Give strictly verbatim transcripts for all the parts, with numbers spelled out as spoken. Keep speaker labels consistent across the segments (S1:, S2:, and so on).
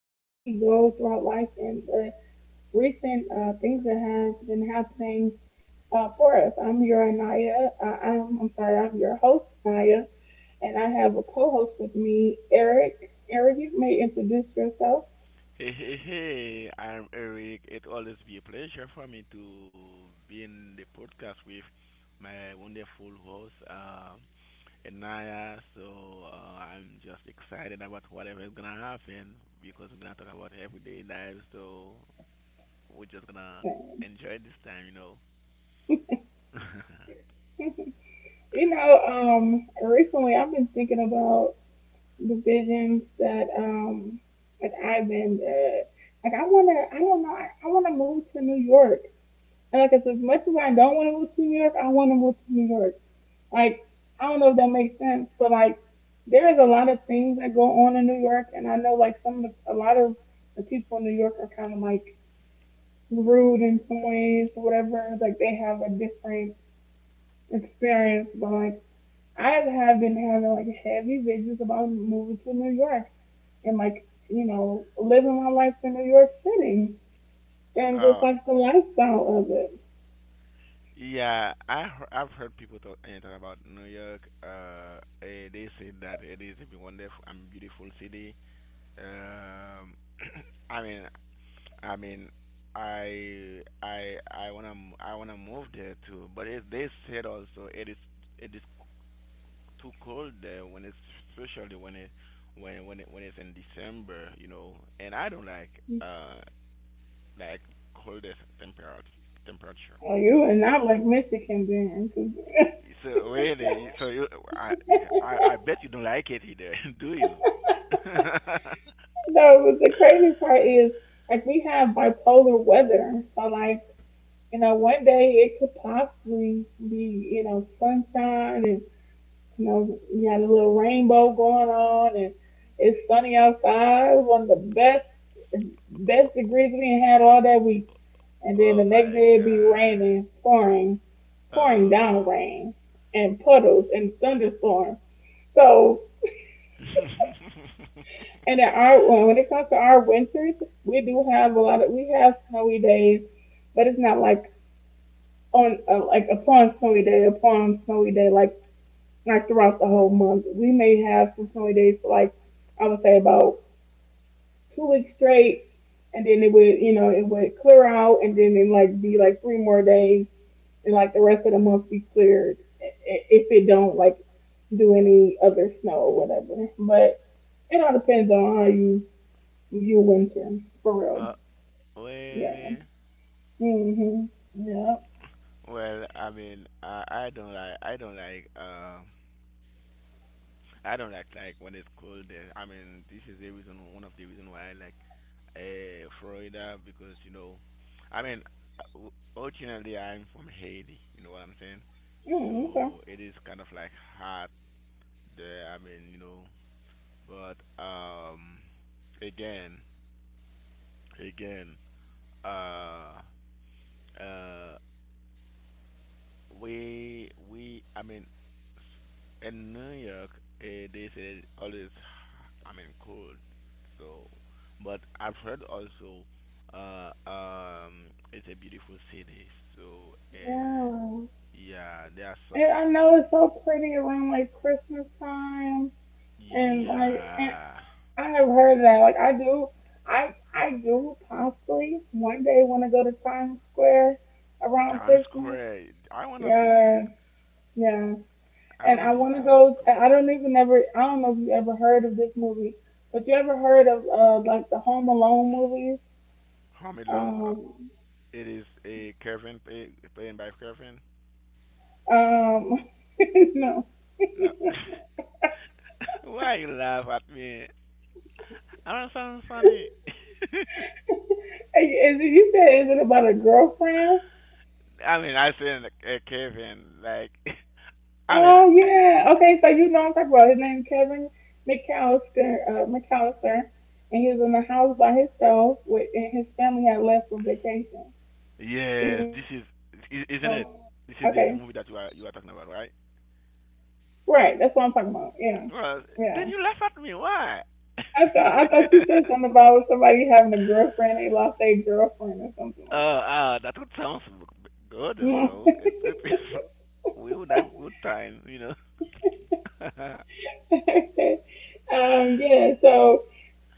S1: How do we go throughout life and the recent uh, things that has been happening uh, for us? I'm your Anaya. Uh, I'm, I'm sorry, I'm your host, Anaya, and I have a co host with me, Eric. Eric, you may introduce yourself.
S2: Hey, hey, hey, I'm Eric. It always be a pleasure for me to be in the podcast with my wonderful host, um, Anaya. So uh, I'm just excited about whatever is gonna happen because we're gonna talk about everyday life. So we're just gonna enjoy this time, you know.
S1: You know, um, recently I've been thinking about the visions that um like I've been uh like I wanna I don't know I, I wanna move to New York. And like as as much as I don't wanna move to New York, I wanna move to New York. Like I don't know if that makes sense, but like there is a lot of things that go on in New York, and I know like some of the, a lot of the people in New York are kinda like rude in some ways or whatever. Like they have a different experience, but like I have been having like heavy visions about moving to New York and like you know living my life in New York City and just
S2: Uh,
S1: like the lifestyle of it.
S2: yeah, I he- I've heard people talk eh, talk about New York. Uh, eh, they say that it is a wonderful and beautiful city. Um, I mean, I mean, I I I wanna m- I wanna move there too, but it, they said also it is it is too cold there when it's especially when it when when it, when it's in December, you know. And I don't like uh like coldest temperature temperature,
S1: Oh,
S2: you
S1: you
S2: know.
S1: are not like Michigan then. 'Cause-
S2: So really, so you I I, I bet you don't like it either, do you?
S1: you know, but the crazy part is like we have bipolar weather. So like you know one day it could possibly be you know sunshine and you know you had a little rainbow going on and it's sunny outside. It was one of the best best degrees we had all that week, and then the
S2: Oh
S1: next
S2: my
S1: day it'd be
S2: god.
S1: raining, pouring, pouring
S2: Oh.
S1: down rain and puddles and thunderstorms. So, and then our well, when it comes to our winters, we do have a lot of we have snowy days, but it's not like on uh, like upon snowy day upon snowy day like like throughout the whole month. We may have some snowy days for like I would say about two weeks straight, and then it would you know it would clear out and then it like be like three more days and like the rest of the month be cleared if it don't like do any other snow or whatever. But it all depends on how you you winter for real.
S2: Uh,
S1: Yeah.
S2: Really?
S1: Mhm. Yeah.
S2: Well, I mean, I, I don't like, I don't like, um, I don't like like when it's cold. There. I mean, this is the reason, one of the reason why I like uh, Florida, because you know, I mean, o- originally I'm from Haiti. You know what I'm saying?
S1: Mm, okay.
S2: So it is kind of like hot there. I mean, you know, but um, again, again, uh, uh, We we I mean s- in New York eh, they say it's always, I mean, cold. So but I've heard also uh um it's a beautiful city. So uh
S1: Yeah.
S2: yeah, there are such
S1: And I know it's so pretty around like Christmas time, and like and
S2: yeah.
S1: I have heard that like I do, I I do possibly one day want to go to Times Square around
S2: Times
S1: Christmas.
S2: Square. I wanna visit.
S1: Yeah, yeah.
S2: I
S1: And
S2: wanna
S1: I
S2: visit
S1: want to
S2: Times
S1: go.
S2: Square.
S1: I don't even ever. I don't know if you ever heard of this movie, but you ever heard of uh like the Home Alone movies?
S2: Home Alone. Uh,
S1: Um,
S2: it is a Kevin play, playing by Kevin.
S1: um, no.
S2: No. Why you laugh at me? I don't know something funny.
S1: Hey, is it, you said is it about a girlfriend?
S2: I mean, I said uh, Kevin, like, I mean,
S1: Oh
S2: I-
S1: yeah. Okay, so you know what I'm talking about. His name Kevin McAllister. Uh, McAllister, and he was in the house by himself. With and his family had left for vacation. So you
S2: yes,
S1: know.
S2: this is, i-
S1: Okay.
S2: isn't it? This is the, the movie that you are you are talking about, right?
S1: Right. That's what I'm talking about. Yeah.
S2: Well,
S1: Yeah.
S2: then you laugh at me. Why?
S1: I thought I thought you said something about somebody having a girlfriend, they lost their girlfriend or something
S2: Uh,
S1: like
S2: uh, that would sound so good, you know. It's it's we would have good time, you know.
S1: that. um, yeah, so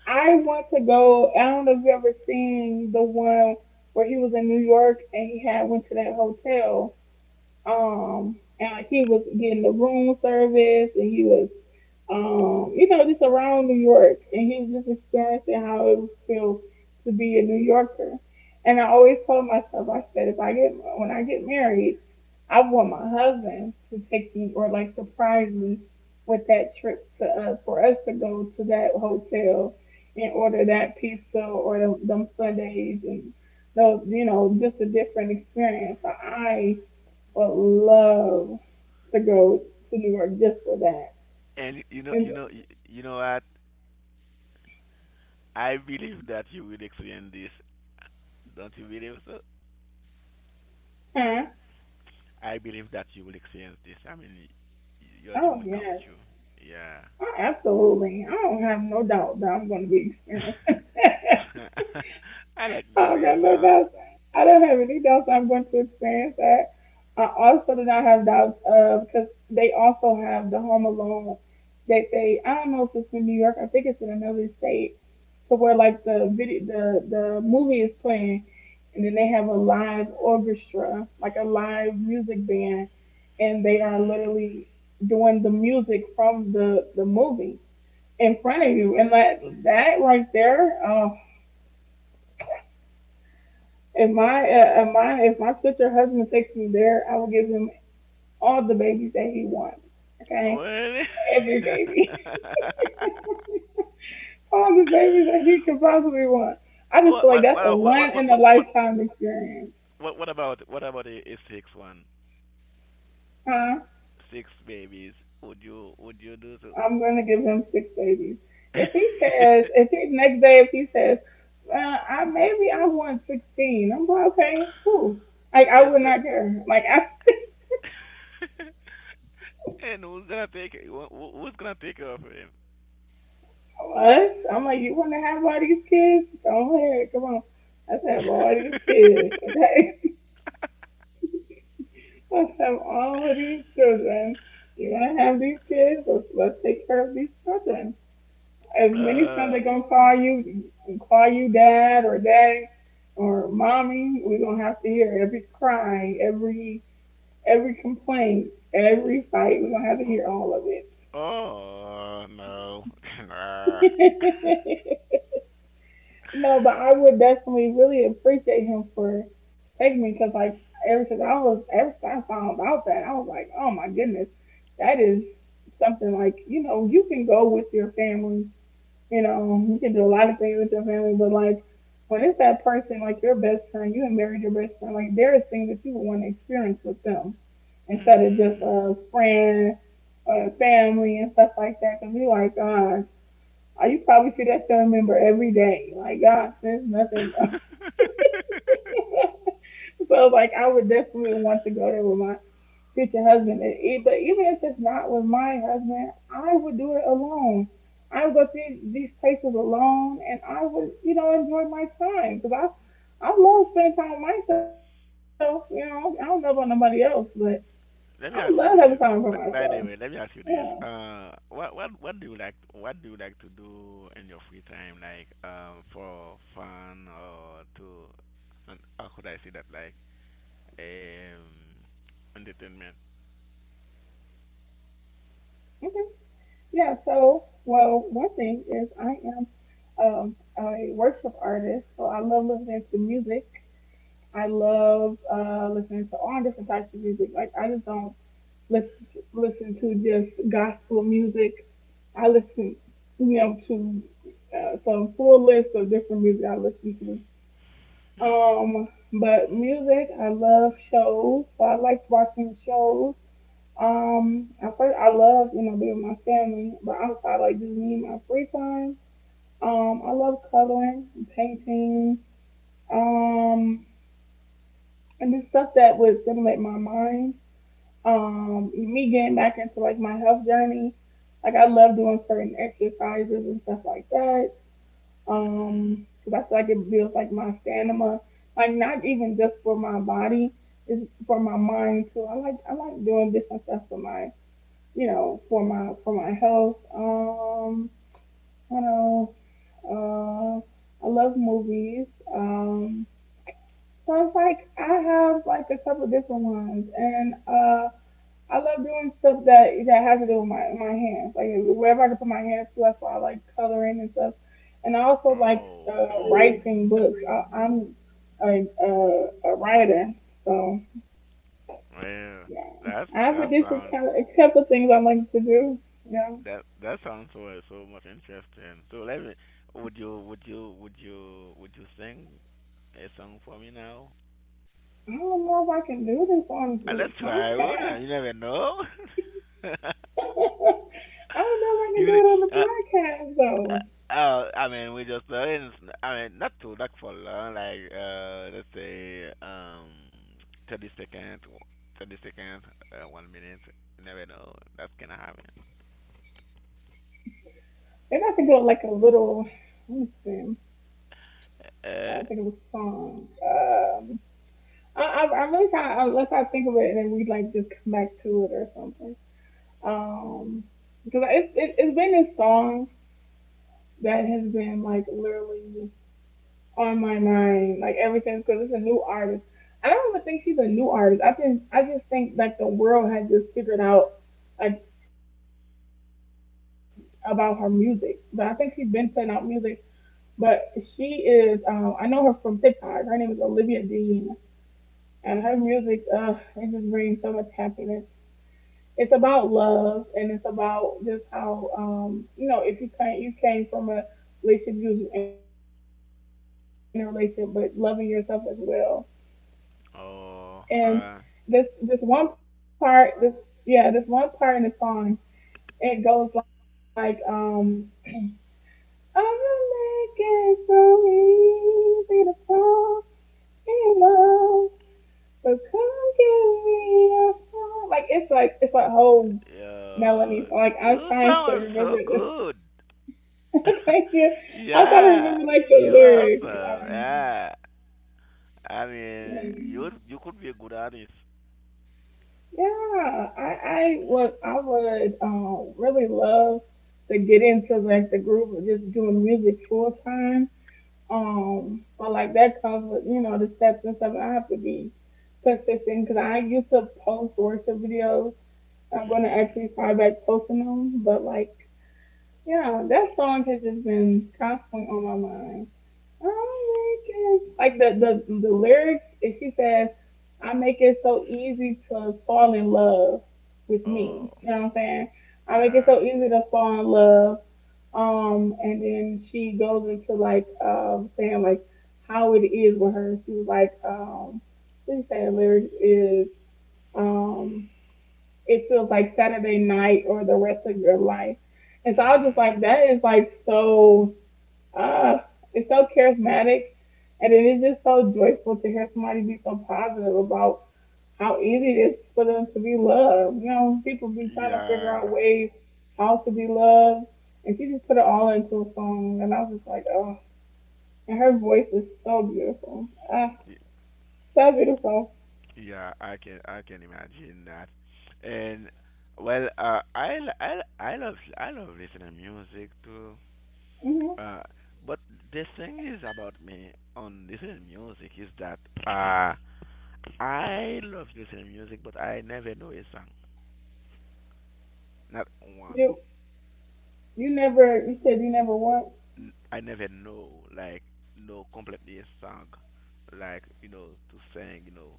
S1: I want to go I don't know if you ever seen the one where he was in New York and he had went to that hotel. Um and like, he was getting the room service and he was um, you know, just around New York, and he was just experiencing how it would feel to be a New Yorker. And I always told myself, I said, if I get when I get married, I want my husband to take me or like surprise me with that trip to uh, for us to go to that hotel and order that pizza or them, them Sundays and those, you know, just a different experience. So I would love to go to New York just for that.
S2: and you know,
S1: And
S2: you know, you know what? I believe that you will experience this. Don't you believe so?
S1: huh?
S2: I believe that you will experience this. I mean, y- your dream
S1: Oh
S2: will come
S1: yes,
S2: true. Yeah.
S1: oh, absolutely. I don't have no doubt that I'm going to be experienced.
S2: I like the
S1: I
S2: way you
S1: do no
S2: sound.
S1: doubts. I don't have any doubts I'm going to experience that. I also do not have doubts of because they also have the Home Alone that they I don't know if it's in New York. I think it's in another state. To where like the video the the movie is playing, and then they have a live orchestra like a live music band, and they are
S2: Hmm.
S1: literally doing the music from the the movie in front of you, and that that right there. Oh, if my uh, if my if my future husband takes me there, I will give him all the babies that he wants. Okay,
S2: Well,
S1: every baby, all the babies that he could possibly want. I just
S2: what,
S1: feel like
S2: what,
S1: that's a
S2: what,
S1: one
S2: what, what,
S1: in a
S2: what, what,
S1: lifetime experience,
S2: what, what about, what about a, a six one?
S1: huh?
S2: Six babies. Would you, would you do so?
S1: I'm gonna give him six babies. If he says, if he next day, if he says, uh, I maybe I want sixteen, I'm like, okay, cool. Like I
S2: Let's
S1: would
S2: go.
S1: not care. Like I.
S2: And who's gonna take it? Who, who- who's gonna take care of him?
S1: Us, I'm like, you want to have all these kids? Go ahead, come on. Let's have all these kids, okay? Let's have all of these children. You want to have these kids? Let's, let's take care of these children. As many times
S2: Uh,
S1: they're gonna call you, call you dad or daddy or mommy, we're gonna have to hear every cry, every every complaint, every fight. We're gonna have to
S2: oh,
S1: hear all of
S2: oh no, no.
S1: it. No, but I would definitely really appreciate him for taking me because, like, ever since I was, ever since I found out that, I was like, oh my goodness, that is something like, you know, you can go with your family, you know, you can do a lot of things with your family, but like, when it's that person, like your best friend, you and married your best friend, like, there is things that you would want to experience with them instead of just
S2: Mhm.
S1: a friend or a family and stuff like that. Because we like, gosh, I you probably see that family member every day. Like gosh, there's nothing. so like I would definitely want to go there with my future husband. And e- But even if it's not with my husband, I would do it alone. I would go to these these places alone, and I would you know enjoy my time because I I love spending time with myself. You know I don't know about nobody else, but I love
S2: Let
S1: having
S2: me ask
S1: time
S2: you
S1: for
S2: this.
S1: myself.
S2: b- By the way, let me ask
S1: Yeah.
S2: you this. Uh, what what what do you like? What do you like to do in your free time? Like um for fun, or to, and how could I say that? Like um entertainment.
S1: Okay. Yeah, so, well, one thing is I am um, a worship artist, so I love listening to music. I love uh, listening to all different types of music. Like, I just don't listen to, listen to just gospel music. I listen, you know, to uh, some full list of different music I listen to. Um, but music, I love shows, so I like watching shows. Um, at first I love, you know, being with my family, but outside like just me and my free time. Um, I love coloring, and painting, um, and just stuff that would stimulate my mind. Um, me getting back into like my health journey. Like I love doing certain exercises and stuff like that.
S2: Mhm.
S1: um, because I feel like it builds like my stamina. Like not even just for my body, it's for my mind too. I like I like doing different stuff for my you know, for my for my health. Um, what else? Uh, I love movies. Um, so it's like I have like a couple different ones, and uh, I love doing stuff that that has to do with my my hands. Like wherever I can put my hands to, that's why I like coloring and stuff. And I also like
S2: Oh,
S1: uh, writing books. I, I'm a, a a writer, so
S2: well,
S1: yeah,
S2: that's
S1: I have
S2: that
S1: a different
S2: sounds
S1: kind of a couple things I like to do. Yeah.
S2: That that sounds so so much interesting. So let me. Would you would you would you would you sing a song for me now?
S1: I don't know if I can do this on
S2: Uh,
S1: the
S2: let's try. Would you? You
S1: podcast.
S2: never know.
S1: I don't know if I can
S2: you
S1: do
S2: ne-
S1: it on
S2: uh,
S1: the podcast though.
S2: uh, uh, I mean we just uh, I mean not too like for long like uh let's say um thirty second thirty second, uh, one minute. You never know that's gonna happen.
S1: Maybe I can do it like a little. Let me see. I think it was
S2: Uh
S1: song. Um, I, I I'm really trying unless I think of it and then we like just come back to it or something. Um, because it's it, it's been this song that has been like literally on my mind, like ever since, because it's a new artist. I don't even think she's a new artist. I think I just think like the world has just figured out like about her music, but I think she's been putting out music. But she is, um, I know her from TikTok. Her name is Olivia Dean, and her music, uh, it just brings so much happiness. It's about love, and it's about just how, um, you know, if you can you came from a relationship, you was in a relationship, but loving yourself as well. And this
S2: oh.
S1: this one
S2: Alright.
S1: part, this yeah, this one part in the song, it goes like, um, I'm gonna make it so easy to fall in love. So come give me a song. Like it's like it's a whole
S2: Yeah,
S1: melody. So like I'm
S2: you
S1: trying to
S2: sound
S1: remember
S2: so
S1: this.
S2: good.
S1: Thank you. I'm trying to
S2: Yeah,
S1: remember like the
S2: you
S1: lyrics.
S2: awesome. Yeah, I mean, you
S1: Um,
S2: you could be a good artist.
S1: Yeah, I, I would I would um, really love to get into like the group of just doing music full time. Um, but like that comes with you know the steps and stuff. I have to be consistent because I used to post worship videos. I'm going to
S2: Mhm.
S1: actually start back posting them. But like, yeah, that song has just been constantly on my mind. Like the the the lyrics, and she says, "I make it so easy to fall in love with
S2: Oh,
S1: me." You know what I'm saying? I make it
S2: yeah.
S1: so easy to fall in love. Um, and then she goes into like um saying like how it is with her. She was like, um, what did she say? The lyrics is um, it feels like Saturday night or the rest of your life. And so I was just
S2: Mhm.
S1: like, that is like so uh, it's so charismatic, and it is just so joyful to hear somebody be so positive about how easy it is for them to be loved. You know, people be trying to figure out
S2: Yeah,
S1: ways how to be loved, and she just put it all into a song, and I was just like, oh. And her voice is so beautiful. Ah,
S2: y-
S1: so beautiful.
S2: yeah. I can I can imagine that. And well, uh, I l- I l- I love I love listening music too.
S1: hmm
S2: Uh, but the thing is about me on listening music is that uh I love listening to music, but I never know a song. Not one.
S1: You you never you said you
S2: N-
S1: never what?
S2: n- I never know, like, know completely a song, like, you know, to sing, you know.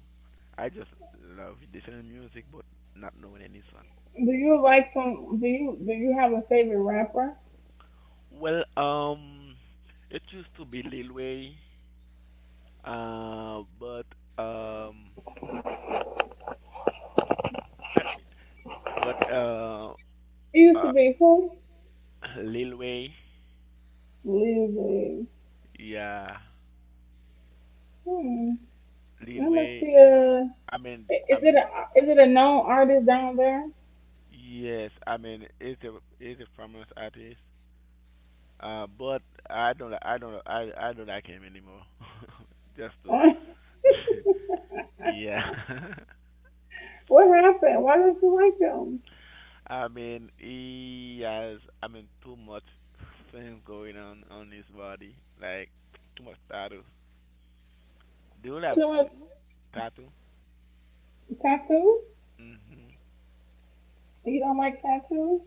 S2: I just love listening to music, but not knowing any song.
S1: Do you like some? Do you do you have a favorite rapper?
S2: Well, um, it used to be Lil Wayne, uh, but, um, let me- but, uh,
S1: It used to
S2: uh,
S1: be who?
S2: Lil Wayne,
S1: Lizzie.
S2: yeah,
S1: Hmm. I
S2: Lil
S1: must
S2: Wayne,
S1: see. Uh,
S2: I mean, I
S1: is it
S2: mean,
S1: a is it a known artist down there?
S2: yes, I mean it's a it's a famous artist, uh, but I don't I don't I I don't like him anymore. Just to,
S1: What
S2: yeah.
S1: happened? Why don't you like them?
S2: I mean he has, I mean, too much things going on on his body, like too much tattoos. Do you have
S1: Too
S2: t-
S1: much
S2: tattoo?
S1: tattoo?
S2: Mhm.
S1: You don't like tattoos?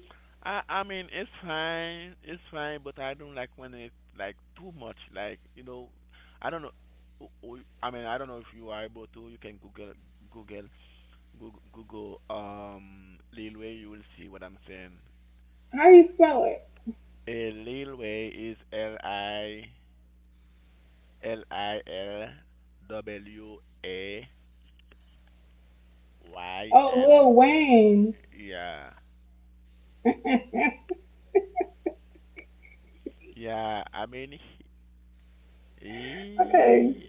S2: I I mean it's fine, it's fine, but I don't like when it's like too much. Like, you know, I don't know. w- w- I mean I don't know if you are able to. You can Google Google Google, Google um Lil Way. You will see what I'm saying.
S1: How do you spell it?
S2: A Lil Way is L I L I L W A Y
S1: Oh,
S2: N.
S1: Lil Wayne.
S2: Yeah,
S1: Okay,
S2: yeah. I mean he he,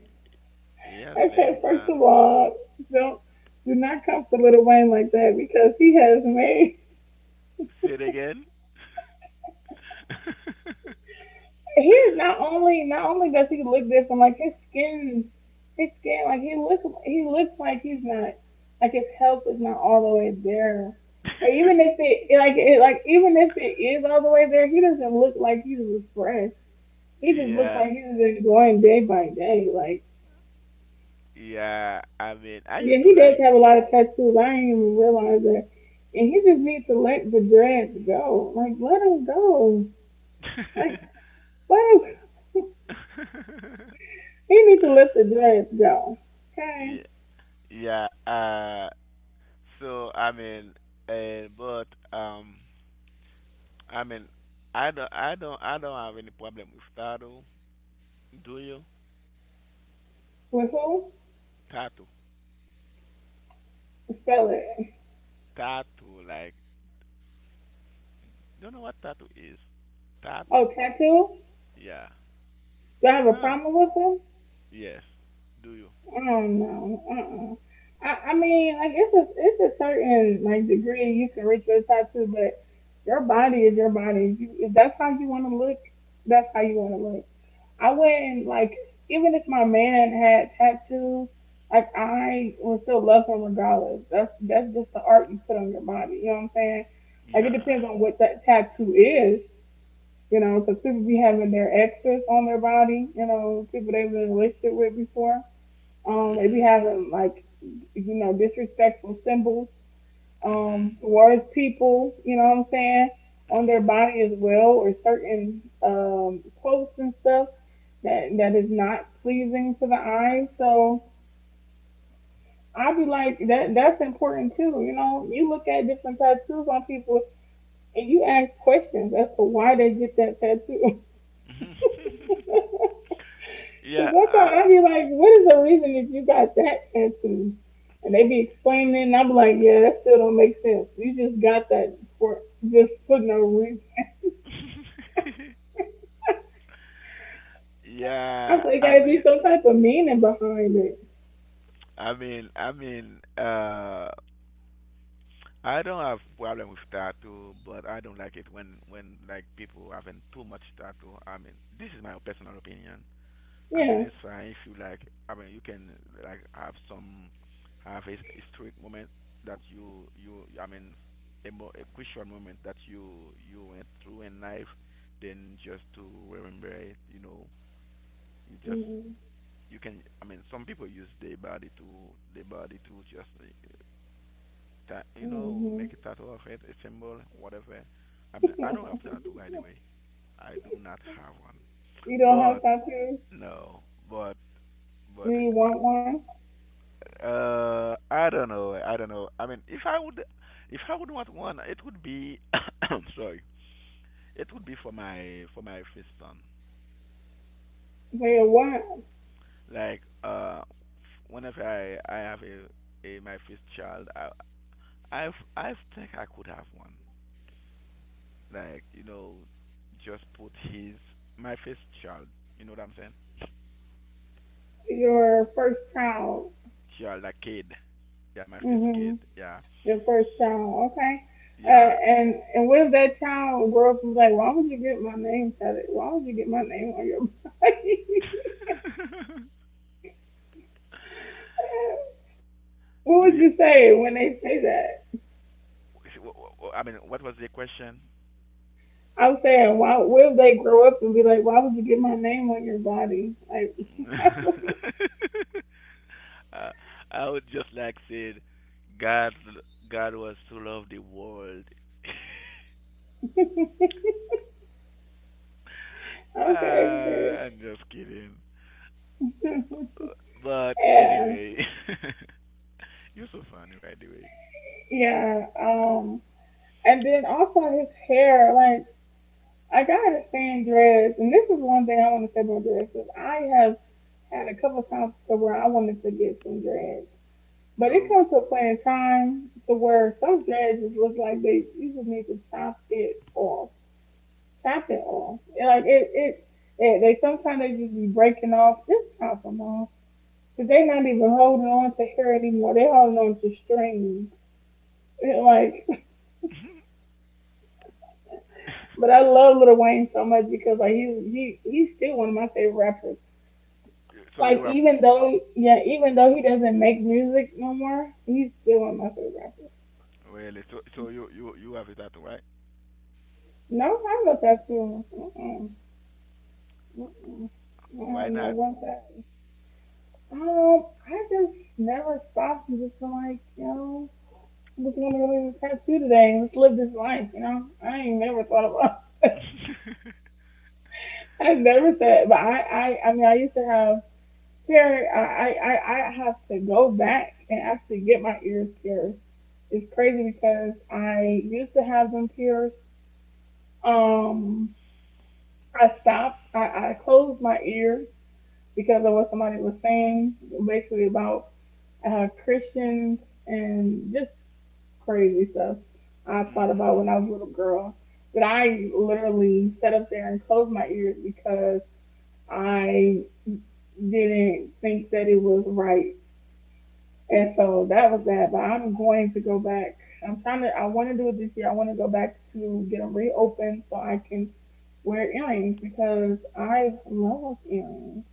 S2: he has plenty
S1: okay. First
S2: time.
S1: of all, don't do not come for Lil Wayne like that because he has made.
S2: Say it again.
S1: He's not only not only does he look different, like his skin, his skin, like he looks he looks like he's not, like his health is not all the way there. Or even if it like it like even if it is all the way there, he doesn't look like he's refreshed. He just looks
S2: Yeah,
S1: like he's enjoying day by day. Like
S2: yeah. I mean, I
S1: yeah,
S2: used to
S1: he does
S2: like.
S1: have a lot of tattoos. I didn't even realize that. And he just needs to let the dreads go. Like let him go. Like let him. He needs to let the dreads go. Okay.
S2: Yeah, yeah. Uh, so I mean, uh, but um, I mean, I don't, I don't, I don't have any problem with tattoo. Do you?
S1: With who?
S2: Tattoo,
S1: Spell it.
S2: tattoo. Like, you know what tattoo is.
S1: Oh,
S2: Tattoo.
S1: tattoo?
S2: Yeah.
S1: Do I have a
S2: Huh.
S1: problem with him?
S2: Yes. Do you?
S1: I don't know. Uh-uh. I, I mean, like it's a it's a certain like degree you can reach with a tattoo, but your body is your body. You, if that's how you want to look, that's how you want to look. I wouldn't like, even if my man had tattoos, like I would still love him regardless. That's that's just the art you put on your body. You know what I'm saying? Like it
S2: Yeah.
S1: depends on what that tattoo is. You know, because people be having their exes on their body, you know, people they were in a relationship with before. Um, they be
S2: Mhm.
S1: having like, you know, disrespectful symbols
S2: Mhm.
S1: um, towards people, you know what I'm saying, on their
S2: Mhm.
S1: body as well, or certain um, quotes and stuff that that is not pleasing to the eye. So I'd be like, that that's important too, you know. You look at different tattoos on people and you ask questions as to why they get that tattoo.
S2: Mhm.
S1: Cause I thought
S2: yeah,
S1: I would be like, what is the reason that you got that tattoo? And they be explaining it, and I'm like, yeah, that still don't make sense. You just got that for just for no reason. I
S2: yeah,
S1: thought it
S2: I
S1: gotta be
S2: mean,
S1: some type of meaning behind it.
S2: I mean, I mean, uh, I don't have problem with tattoo, but I don't like it when when like people having too much tattoo. I mean, this is my personal opinion. I mean,
S1: Yeah.
S2: it's fine if you like. I mean, you can like have some, have a historic moment that you you. I mean, a, mo- a crucial moment that you you went through in life. Then just to remember it, you know, you just
S1: Mm-hmm.
S2: you can, I mean, some people use their body to their body to just uh, ta- you know
S1: Hmm.
S2: make a tattoo of it, a symbol, whatever. I mean, I don't have tattoo, by the way. I do not have one.
S1: You don't
S2: But
S1: have tattoos?
S2: no, but
S1: Do
S2: but
S1: you want one?
S2: uh I don't know, i don't know I mean, if I would, if i would want one, it would be I'm sorry, it would be for my for my first son.
S1: They are what?
S2: Like uh whenever i I have a, a my first child i I I think I could have one. Like, you know, just put his my first child. You know what I'm saying?
S1: Your first child.
S2: Child, a kid. Yeah, my first
S1: Mm-hmm.
S2: kid. Yeah,
S1: The first child. Okay. Uh,
S2: yeah.
S1: and and what if that child grew up and was like, why would you get my name tatted? Why would you get my name on your body? What
S2: Do
S1: would
S2: you?
S1: you say when they say that?
S2: wh- wh- I mean, what was the question?
S1: I'm saying, why? What if they grow up and be like, why would you get my name on your body? Like,
S2: uh, I would just like said, God, God was to love the world. Uh,
S1: okay, okay.
S2: I'm just kidding. But
S1: Yeah,
S2: anyway, you're so funny, by the way.
S1: yeah. Um, and then also his hair, like I gotta stand dreads, and this is one thing I want to say about dreads. Is I have had a couple of times to where I wanted to get some dreads. But it
S2: You,
S1: comes to a point in time to where some dreads just look like they you just need to chop it off. Chop it off. And like it, it, it they sometimes they just be breaking off. Just chop them off. Cause they not even holding on to hair anymore. They holding on to strings. And like, but I love Lil Wayne so much because like he he he's still one of my favorite rappers.
S2: so you
S1: Like
S2: have
S1: even though yeah, even though he doesn't make music no more, he's still one of my favorite rappers.
S2: really? So so you you you have a tattoo, right?
S1: No, I look after them. Mm-mm. Mm-mm. I had
S2: Why
S1: not
S2: not?
S1: one second. Um, I just never stopped and just been like, you know, I just want to go get a tattoo today and just live this life, you know? I ain't never thought about. I never said, but I, I, I mean, I used to have hair. I, I, I I have to go back and actually get my ears pierced. It's crazy because I used to have them pierced. Um, I stopped. I, I closed my ears because of what somebody was saying, basically about uh, Christians and just crazy stuff. I thought about
S2: Mhm.
S1: when I was a little girl that I literally sat up there and closed my ears because I didn't think that it was right. And so that was that. But I'm going to go back. I'm trying to, I want to do it this year. I want to go back to get them reopened so I can wear earrings because I love earrings.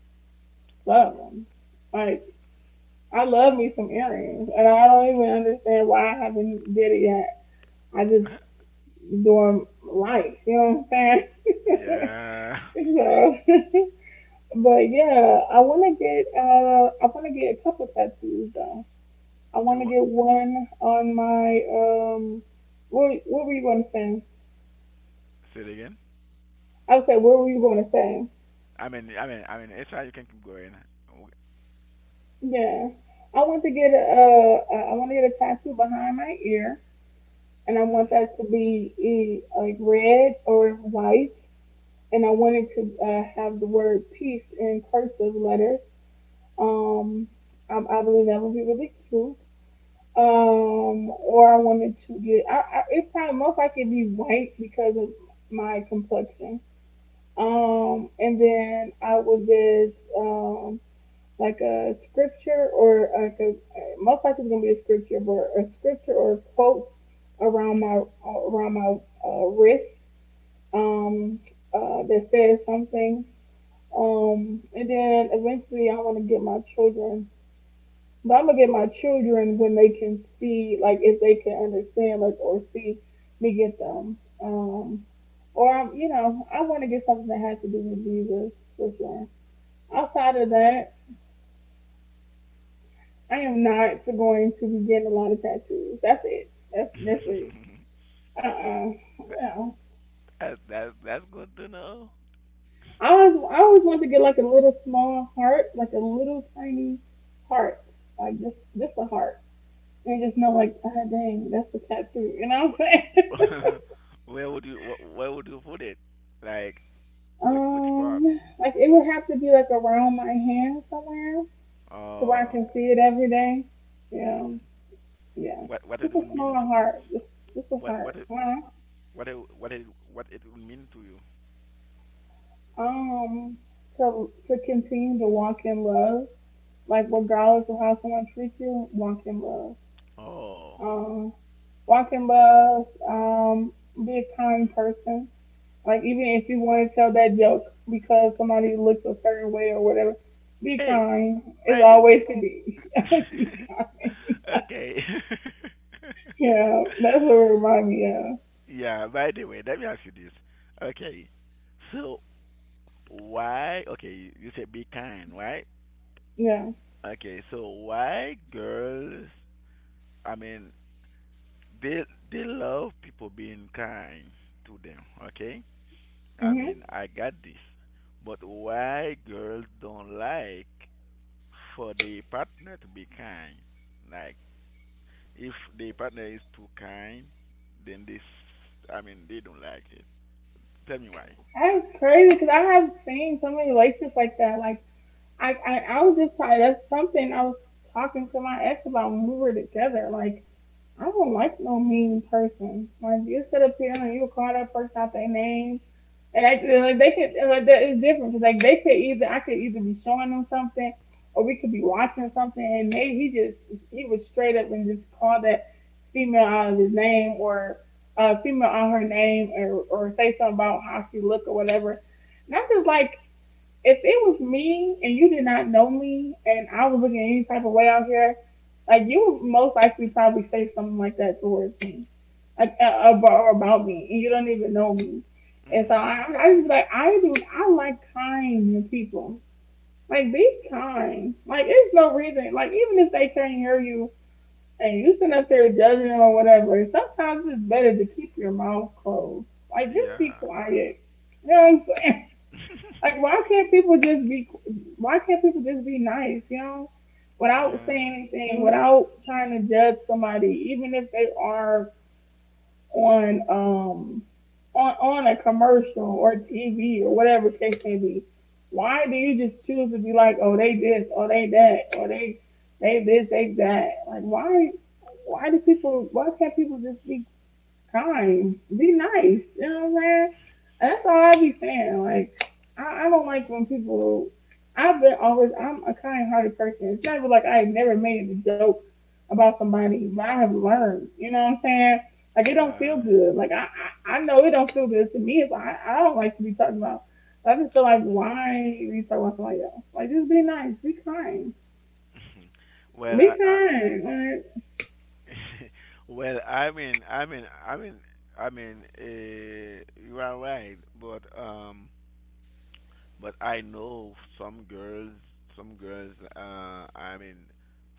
S1: Love them. Like, I love me some earrings, and I don't even understand why I haven't did it yet. I just doing life, you know what I'm saying?
S2: yeah.
S1: So, but yeah, I want to get uh, I want to get a couple tattoos though. I want
S2: You
S1: to
S2: wa-
S1: get one on my um, what what were you going to say?
S2: say it again?
S1: I was say, what were you going to say?
S2: I mean I mean I mean it's fine. You can keep going. Okay.
S1: Yeah, I want to get a uh, I want to get a tattoo behind my ear, and I want
S2: Mhm.
S1: that to be e- like red or white, and I wanted to uh, have the word peace in cursive letters. Um, I, I believe that would be really cute. Um, or I wanted to get, I, I, it's probably most likely be white because of my complexion.
S2: Mhm.
S1: Um, and then I would get um, like a scripture or like a, most likely it's gonna be a scripture, but a scripture or a quote around my around my uh, wrist, um, uh, that says something, um, and then eventually I want to get my children, but I'm gonna get my children when they can see, like if they can understand, like or see me get them. Um, or I'm, you know, I want to get something that has to do with Jesus for sure. Outside of that, I am not going to be getting a lot of tattoos. That's it. That's that's it.
S2: Mm.
S1: Uh uh. No.
S2: that's that's that's good to know.
S1: I always I always want to get like a little small heart, like a little tiny heart, like just just a heart. You just know, like, ah, oh, dang, that's the tattoo. You know what I'm saying?
S2: Wh- where would you wh- where would you put it? Like, which which part?
S1: Um, like it would have to be like around my hand somewhere, to where I
S2: Oh.
S1: can see it every day. You
S2: Mhm.
S1: know, yeah.
S2: What what it
S1: Just a
S2: would
S1: small
S2: mean for
S1: heart, just just a
S2: what what
S1: heart.
S2: it
S1: Huh?
S2: what it what it what it would mean to you?
S1: Um, to to continue to walk in love, like regardless of how someone treats you, walk in love.
S2: Oh.
S1: Um, Walk in love. Um, be a kind person. Like even if you want to tell that joke because somebody looks a certain way or whatever, be
S2: Hey,
S1: kind. It's
S2: by the way,
S1: always to be. Always be kind.
S2: okay.
S1: Yeah, that's what it reminds me of.
S2: yeah, by the way, let me ask you this. Okay. So why, okay, you said be kind, right?
S1: Yeah.
S2: Okay, so why girls, I mean, they they love people being kind to them, okay? I
S1: Mhm.
S2: mean I got this. But why girls don't like for the partner to be kind? Like, if the partner is too kind, then this, I mean, they don't like it. Tell me why.
S1: That's crazy because I have seen so many relationships like that. Like I, I, I was just probably that's something I was talking to my ex about when we were together. Like I don't like no mean person. Like you sit up here and you call that person out their name, and I like they could like that is different because like they could either I could either be showing them something or we could be watching something and maybe he just he was straight up and just called that female out of his name or a female out her name or or say something about how she looked or whatever. Not just like if it was me and you did not know me and I was looking any type of way out here, like you would most likely probably say something like that towards me, like uh, about, about me, and you don't even know me. And so
S2: Hmm.
S1: I, I just be like I do. I like kind people. Like be kind. Like there's no reason. Like even if they can't hear you and you sit up there judging them or whatever, sometimes it's better to keep your mouth closed. Like just be
S2: Yeah.
S1: quiet. You know like, why can't people just be? Why can't people just be nice? You know, without
S2: yeah.
S1: saying anything, without trying to judge somebody, even if they are on um on on a commercial or T V or whatever case may be. Why do you just choose to be like, oh they this, oh they that, or they they this, they that? Like, why? Why do people? Why can't people just be time. Be nice. You know what I'm saying? And that's all I be saying. Like, I, I don't like when people. I've been always. I'm a kind-hearted person. It's never like I never made a joke about somebody, but I have learned. You know what I'm saying? Like it don't
S2: Yeah.
S1: feel good. Like I, I, I know it don't feel good to me if I, I don't like to be talking about. I just feel like why are you talking about somebody else? Like just be nice, be kind,
S2: well,
S1: be
S2: I, I
S1: kind. Like,
S2: well, I mean, I mean, I mean, I mean, uh, you are right, but um, but I know some girls, some girls. Uh, I mean,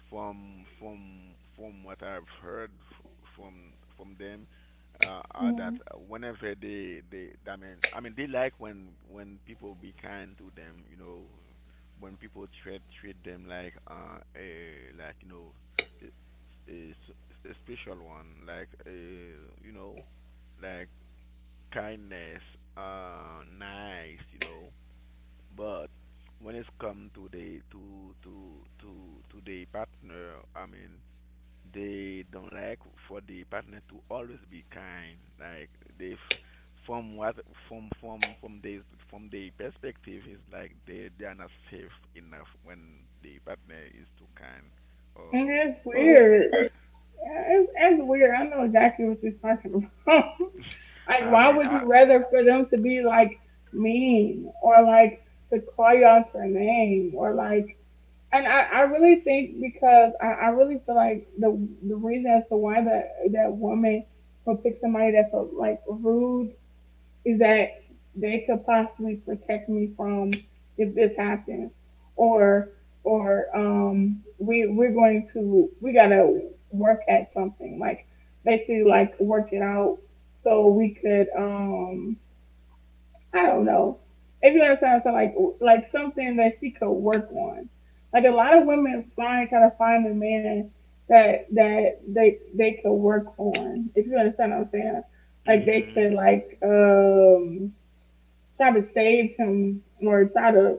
S2: from from from what I've heard f- from from them, uh, are that
S1: mm,
S2: whenever they they, I mean, I mean, they like when when people be kind to them. You know, when people treat treat them like uh a, like, you know, a, a s- a special one, like uh you know, like kindness, uh, nice. You know, but when it's come to the to to to to the partner, I mean, they don't like for the partner to always be kind. Like they, f- from what from from from the from the perspective is like they they are not safe enough when the partner is too kind,
S1: and
S2: or
S1: it's
S2: or.
S1: weird. Yeah, It's, it's weird. I know exactly what you're talking about. Like,
S2: I
S1: why
S2: mean,
S1: would you
S2: I.
S1: rather for them to be like mean or like to call you out your name or like? And I, I really think because I, I really feel like the the reason as to why that that woman would pick somebody that's uh, like rude is that they could possibly protect me from if this happens or or um we we're going to we gotta work at something like basically like work it out so we could um I don't know if you understand what I'm saying like like something that she could work on like a lot of women find kind of find a man that that they they could work on if you understand what I'm saying like they
S2: Mhm.
S1: could like um try to save him or try to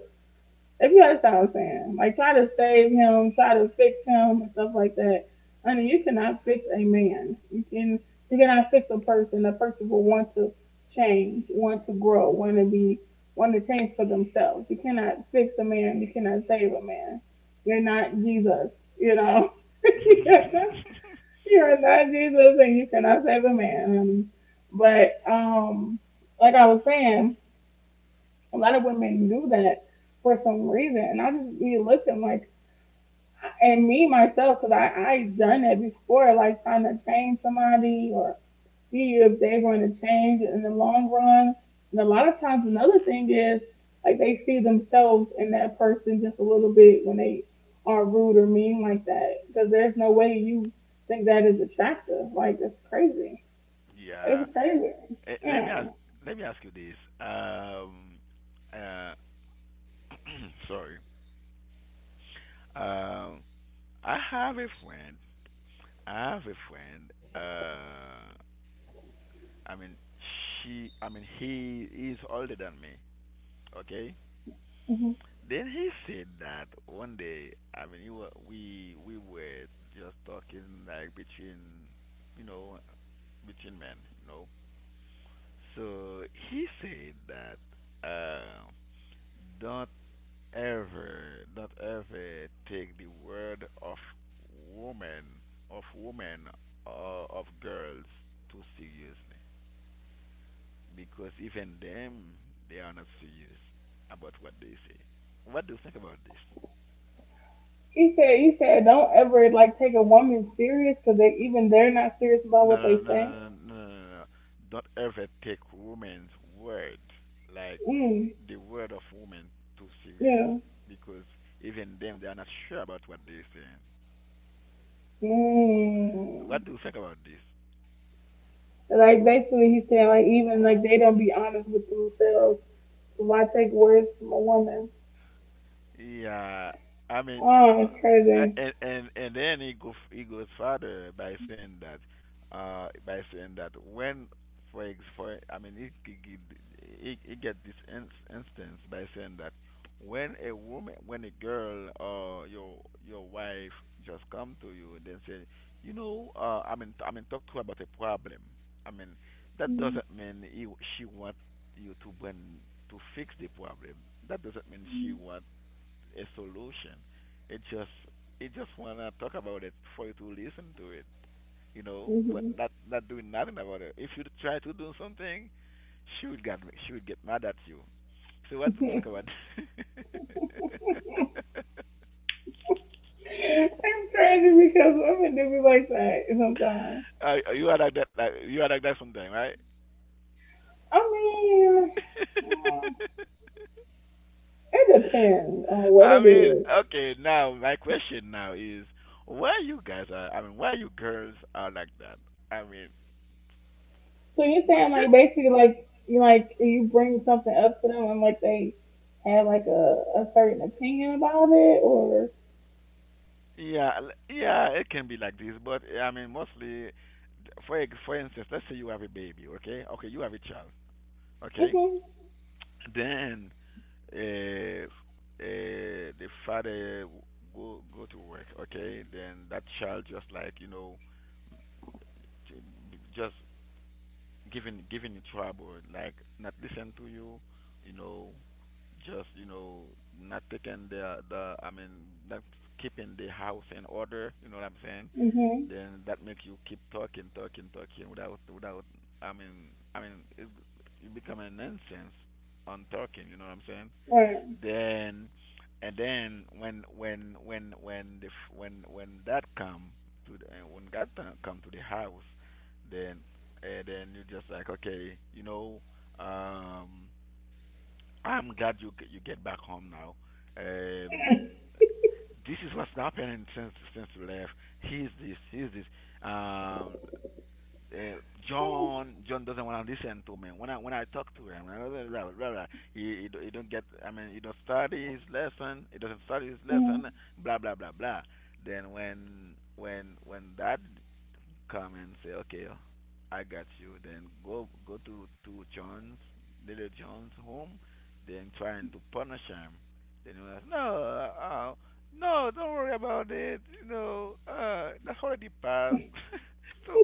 S1: if you understand what I'm saying, like try to save him, try to fix him and stuff like that. I mean, you cannot fix a man. You can you cannot fix a person. A person will want to change, want to grow, want to be want to change for themselves. You cannot fix a man. You cannot save a man. You're not Jesus. You know, you're not Jesus, and you cannot save a man, honey. But um, like I was saying. A lot of women do that for some reason, and I just be looking like, and me myself, because I I done that before, like trying to change somebody or see if they're going to change in the long run. And a lot of times, another thing is like they see themselves in that person just a little bit when they are rude or mean like that, because there's no way you think that is attractive. Like it's crazy.
S2: yeah.
S1: It's crazy.
S2: Eh, let me
S1: Yeah.
S2: ask. Let me ask you this. Um. Uh. Sorry. Um, I have a friend. I have a friend. Uh, I mean, she. I mean, he is older than me. Okay.
S1: Mm-hmm.
S2: Then he said that one day. I mean, he wa- we we were just talking like between, you know, between men. You know. So he said that uh, don't ever, not ever take the word of woman, of women, or of girls too seriously, because even them, they are not serious about what they say. What do you think about this?
S1: He said, he said, don't ever like take a woman serious because they even they're not serious about
S2: No,
S1: what
S2: no,
S1: they
S2: no,
S1: say.
S2: no, no, no, no, no, no. Don't ever take woman's word, like
S1: Mm,
S2: the word of woman, too serious,
S1: yeah.
S2: because even them, they are not sure about what they're saying. So
S1: Mm.
S2: what do you think about this?
S1: Like basically, he said like even like they don't be honest with themselves. So why take words from a woman?
S2: Yeah, I mean,
S1: Oh, it's
S2: uh,
S1: crazy.
S2: and and and then he go he goes further by saying that, uh, by saying that when, for ex for I mean, he he he, he he get this in, instance by saying that when a woman, when a girl or your your wife just come to you and then say, you know, uh, I mean, I mean, talk to her about a problem. I mean, that doesn't mean he she want you to bring to fix the problem. That doesn't mean she want a solution. It just it just wanna talk about it for you to listen to it, you know, but
S1: Mm-hmm.
S2: not not doing nothing about it. If you try to do something, she would get she would get mad at you. So what do you think about?
S1: It's crazy because women do be like that sometimes.
S2: uh, you are like that. Like, you are like that sometime, right?
S1: I mean, uh, it depends on what
S2: I
S1: it
S2: mean,
S1: is.
S2: okay. Now my question now is, why you guys are? I mean, why you girls are like that? I mean,
S1: So you're saying
S2: g-
S1: like basically like you like you bring something up to them and like they have like a, a certain opinion about it or
S2: yeah, l- yeah. It can be like this, but I mean, mostly for ex- for instance, let's say you have a baby, okay? Okay, you have a child, okay?
S1: mhm
S2: Then uh, uh, the father go go to work, okay? Then that child just like you know, j- just giving giving you trouble, like not listen to you, you know, just you know not taking the the I mean not keeping the house in order, you know what I'm saying?
S1: mhm
S2: Then that makes you keep talking, talking, talking without without I mean I mean it, it become a nonsense on talking, you know what I'm saying?
S1: right
S2: Then and then when when when when the f- when when that come to the, uh, when that time come to the house, then uh, then you just like okay, you know, um, I'm glad you g- you get back home now. Um, this is what's happening since since you left. He's this, he's this. Um, uh, John John doesn't want to listen to me when I when I talk to him. Blah, blah, blah, blah, blah. He, he do- he don't get. I mean, he don't study his lesson. He doesn't study his lesson.
S1: mm-hmm.
S2: Blah blah blah blah. Then when when when that come and say, okay, uh, I got you. Then go go to to John's little John's home, then trying to punish him. Then he was like, no, uh, uh, no, don't worry about it. You know, uh, that's already passed. So,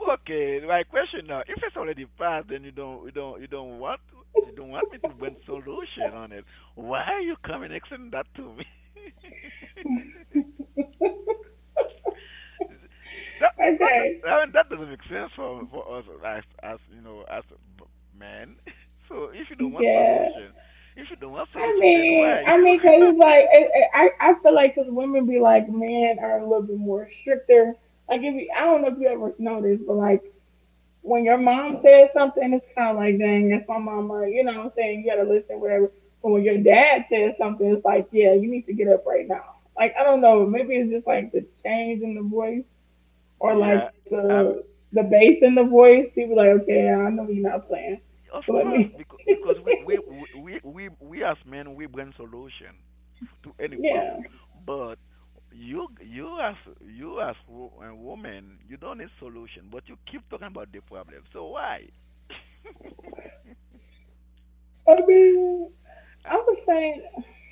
S2: okay, my question now: if it's already passed, then you don't you don't you don't want to, you don't want me to bring solution on it. Why are you coming explaining that to me? That that
S1: Okay,
S2: I mean, that doesn't make sense for for us as as you know as b- men. So if you don't want
S1: yeah.
S2: solution, if you don't want
S1: I
S2: solution, then why
S1: mean
S2: are
S1: I
S2: you?
S1: mean 'cause it's like it, it, I I feel like 'cause women be like men are a little bit more stricter like if you, I don't know if you ever noticed but like when your mom says something, it's kind of like, dang, that's my mama. You know what I'm saying? You got to listen, whatever. But when your dad says something, it's like, yeah, you need to get up right now. Like, I don't know. Maybe it's just like the change in the voice or
S2: Yeah,
S1: like
S2: um,
S1: the the bass in the voice. People like, okay, I know you're not playing.
S2: of
S1: So let
S2: course
S1: me,
S2: because because we we we we we as men we bring solution to any
S1: yeah.
S2: problem, but you you as you as wo- a woman you don't need solution, but you keep talking about the problem. So why?
S1: I mean, I would say,
S2: Uh,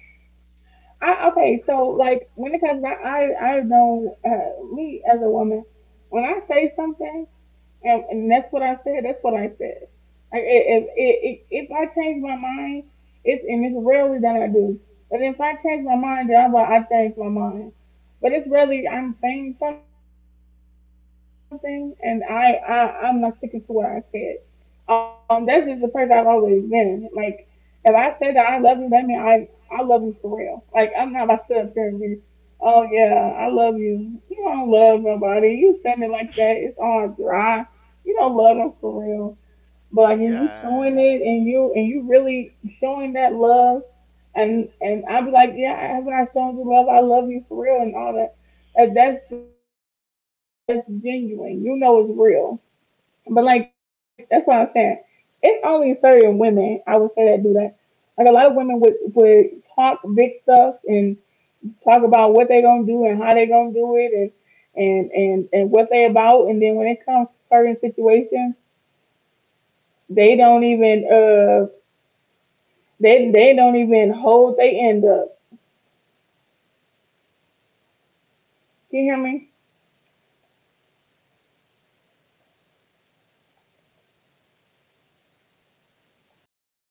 S1: I, okay, so like when it comes, I, I, I know uh, me as a woman, when I say something, And, and that's what I said. That's what I said. Like if if, if I change my mind, it's and it's rarely that I do. But if I change my mind, then I'm like I change my mind. But it's really I'm saying something and I, I I'm not sticking to what I said. Um, that's just the person I've always been. Like, if I say that I love you, that means I I love you for real. Like, I'm not about to sit up here and be, oh yeah, I love you. You don't love nobody. You standing like that, it's all dry. You don't love them for real. But like, when you showing
S2: yeah.
S1: it and you and you really showing that love, and and I'll be like, yeah, I haven't I shown you love? I love you for real and all that. That- That's that's genuine. You know it's real but like that's what I'm saying. It's only certain women I would say that do that. Like a lot of women would would talk big stuff and talk about what they are gonna do and how they are gonna do it and and and and what they about. And then when it comes to certain situations, they don't even uh they they don't even hold they end up. You hear me?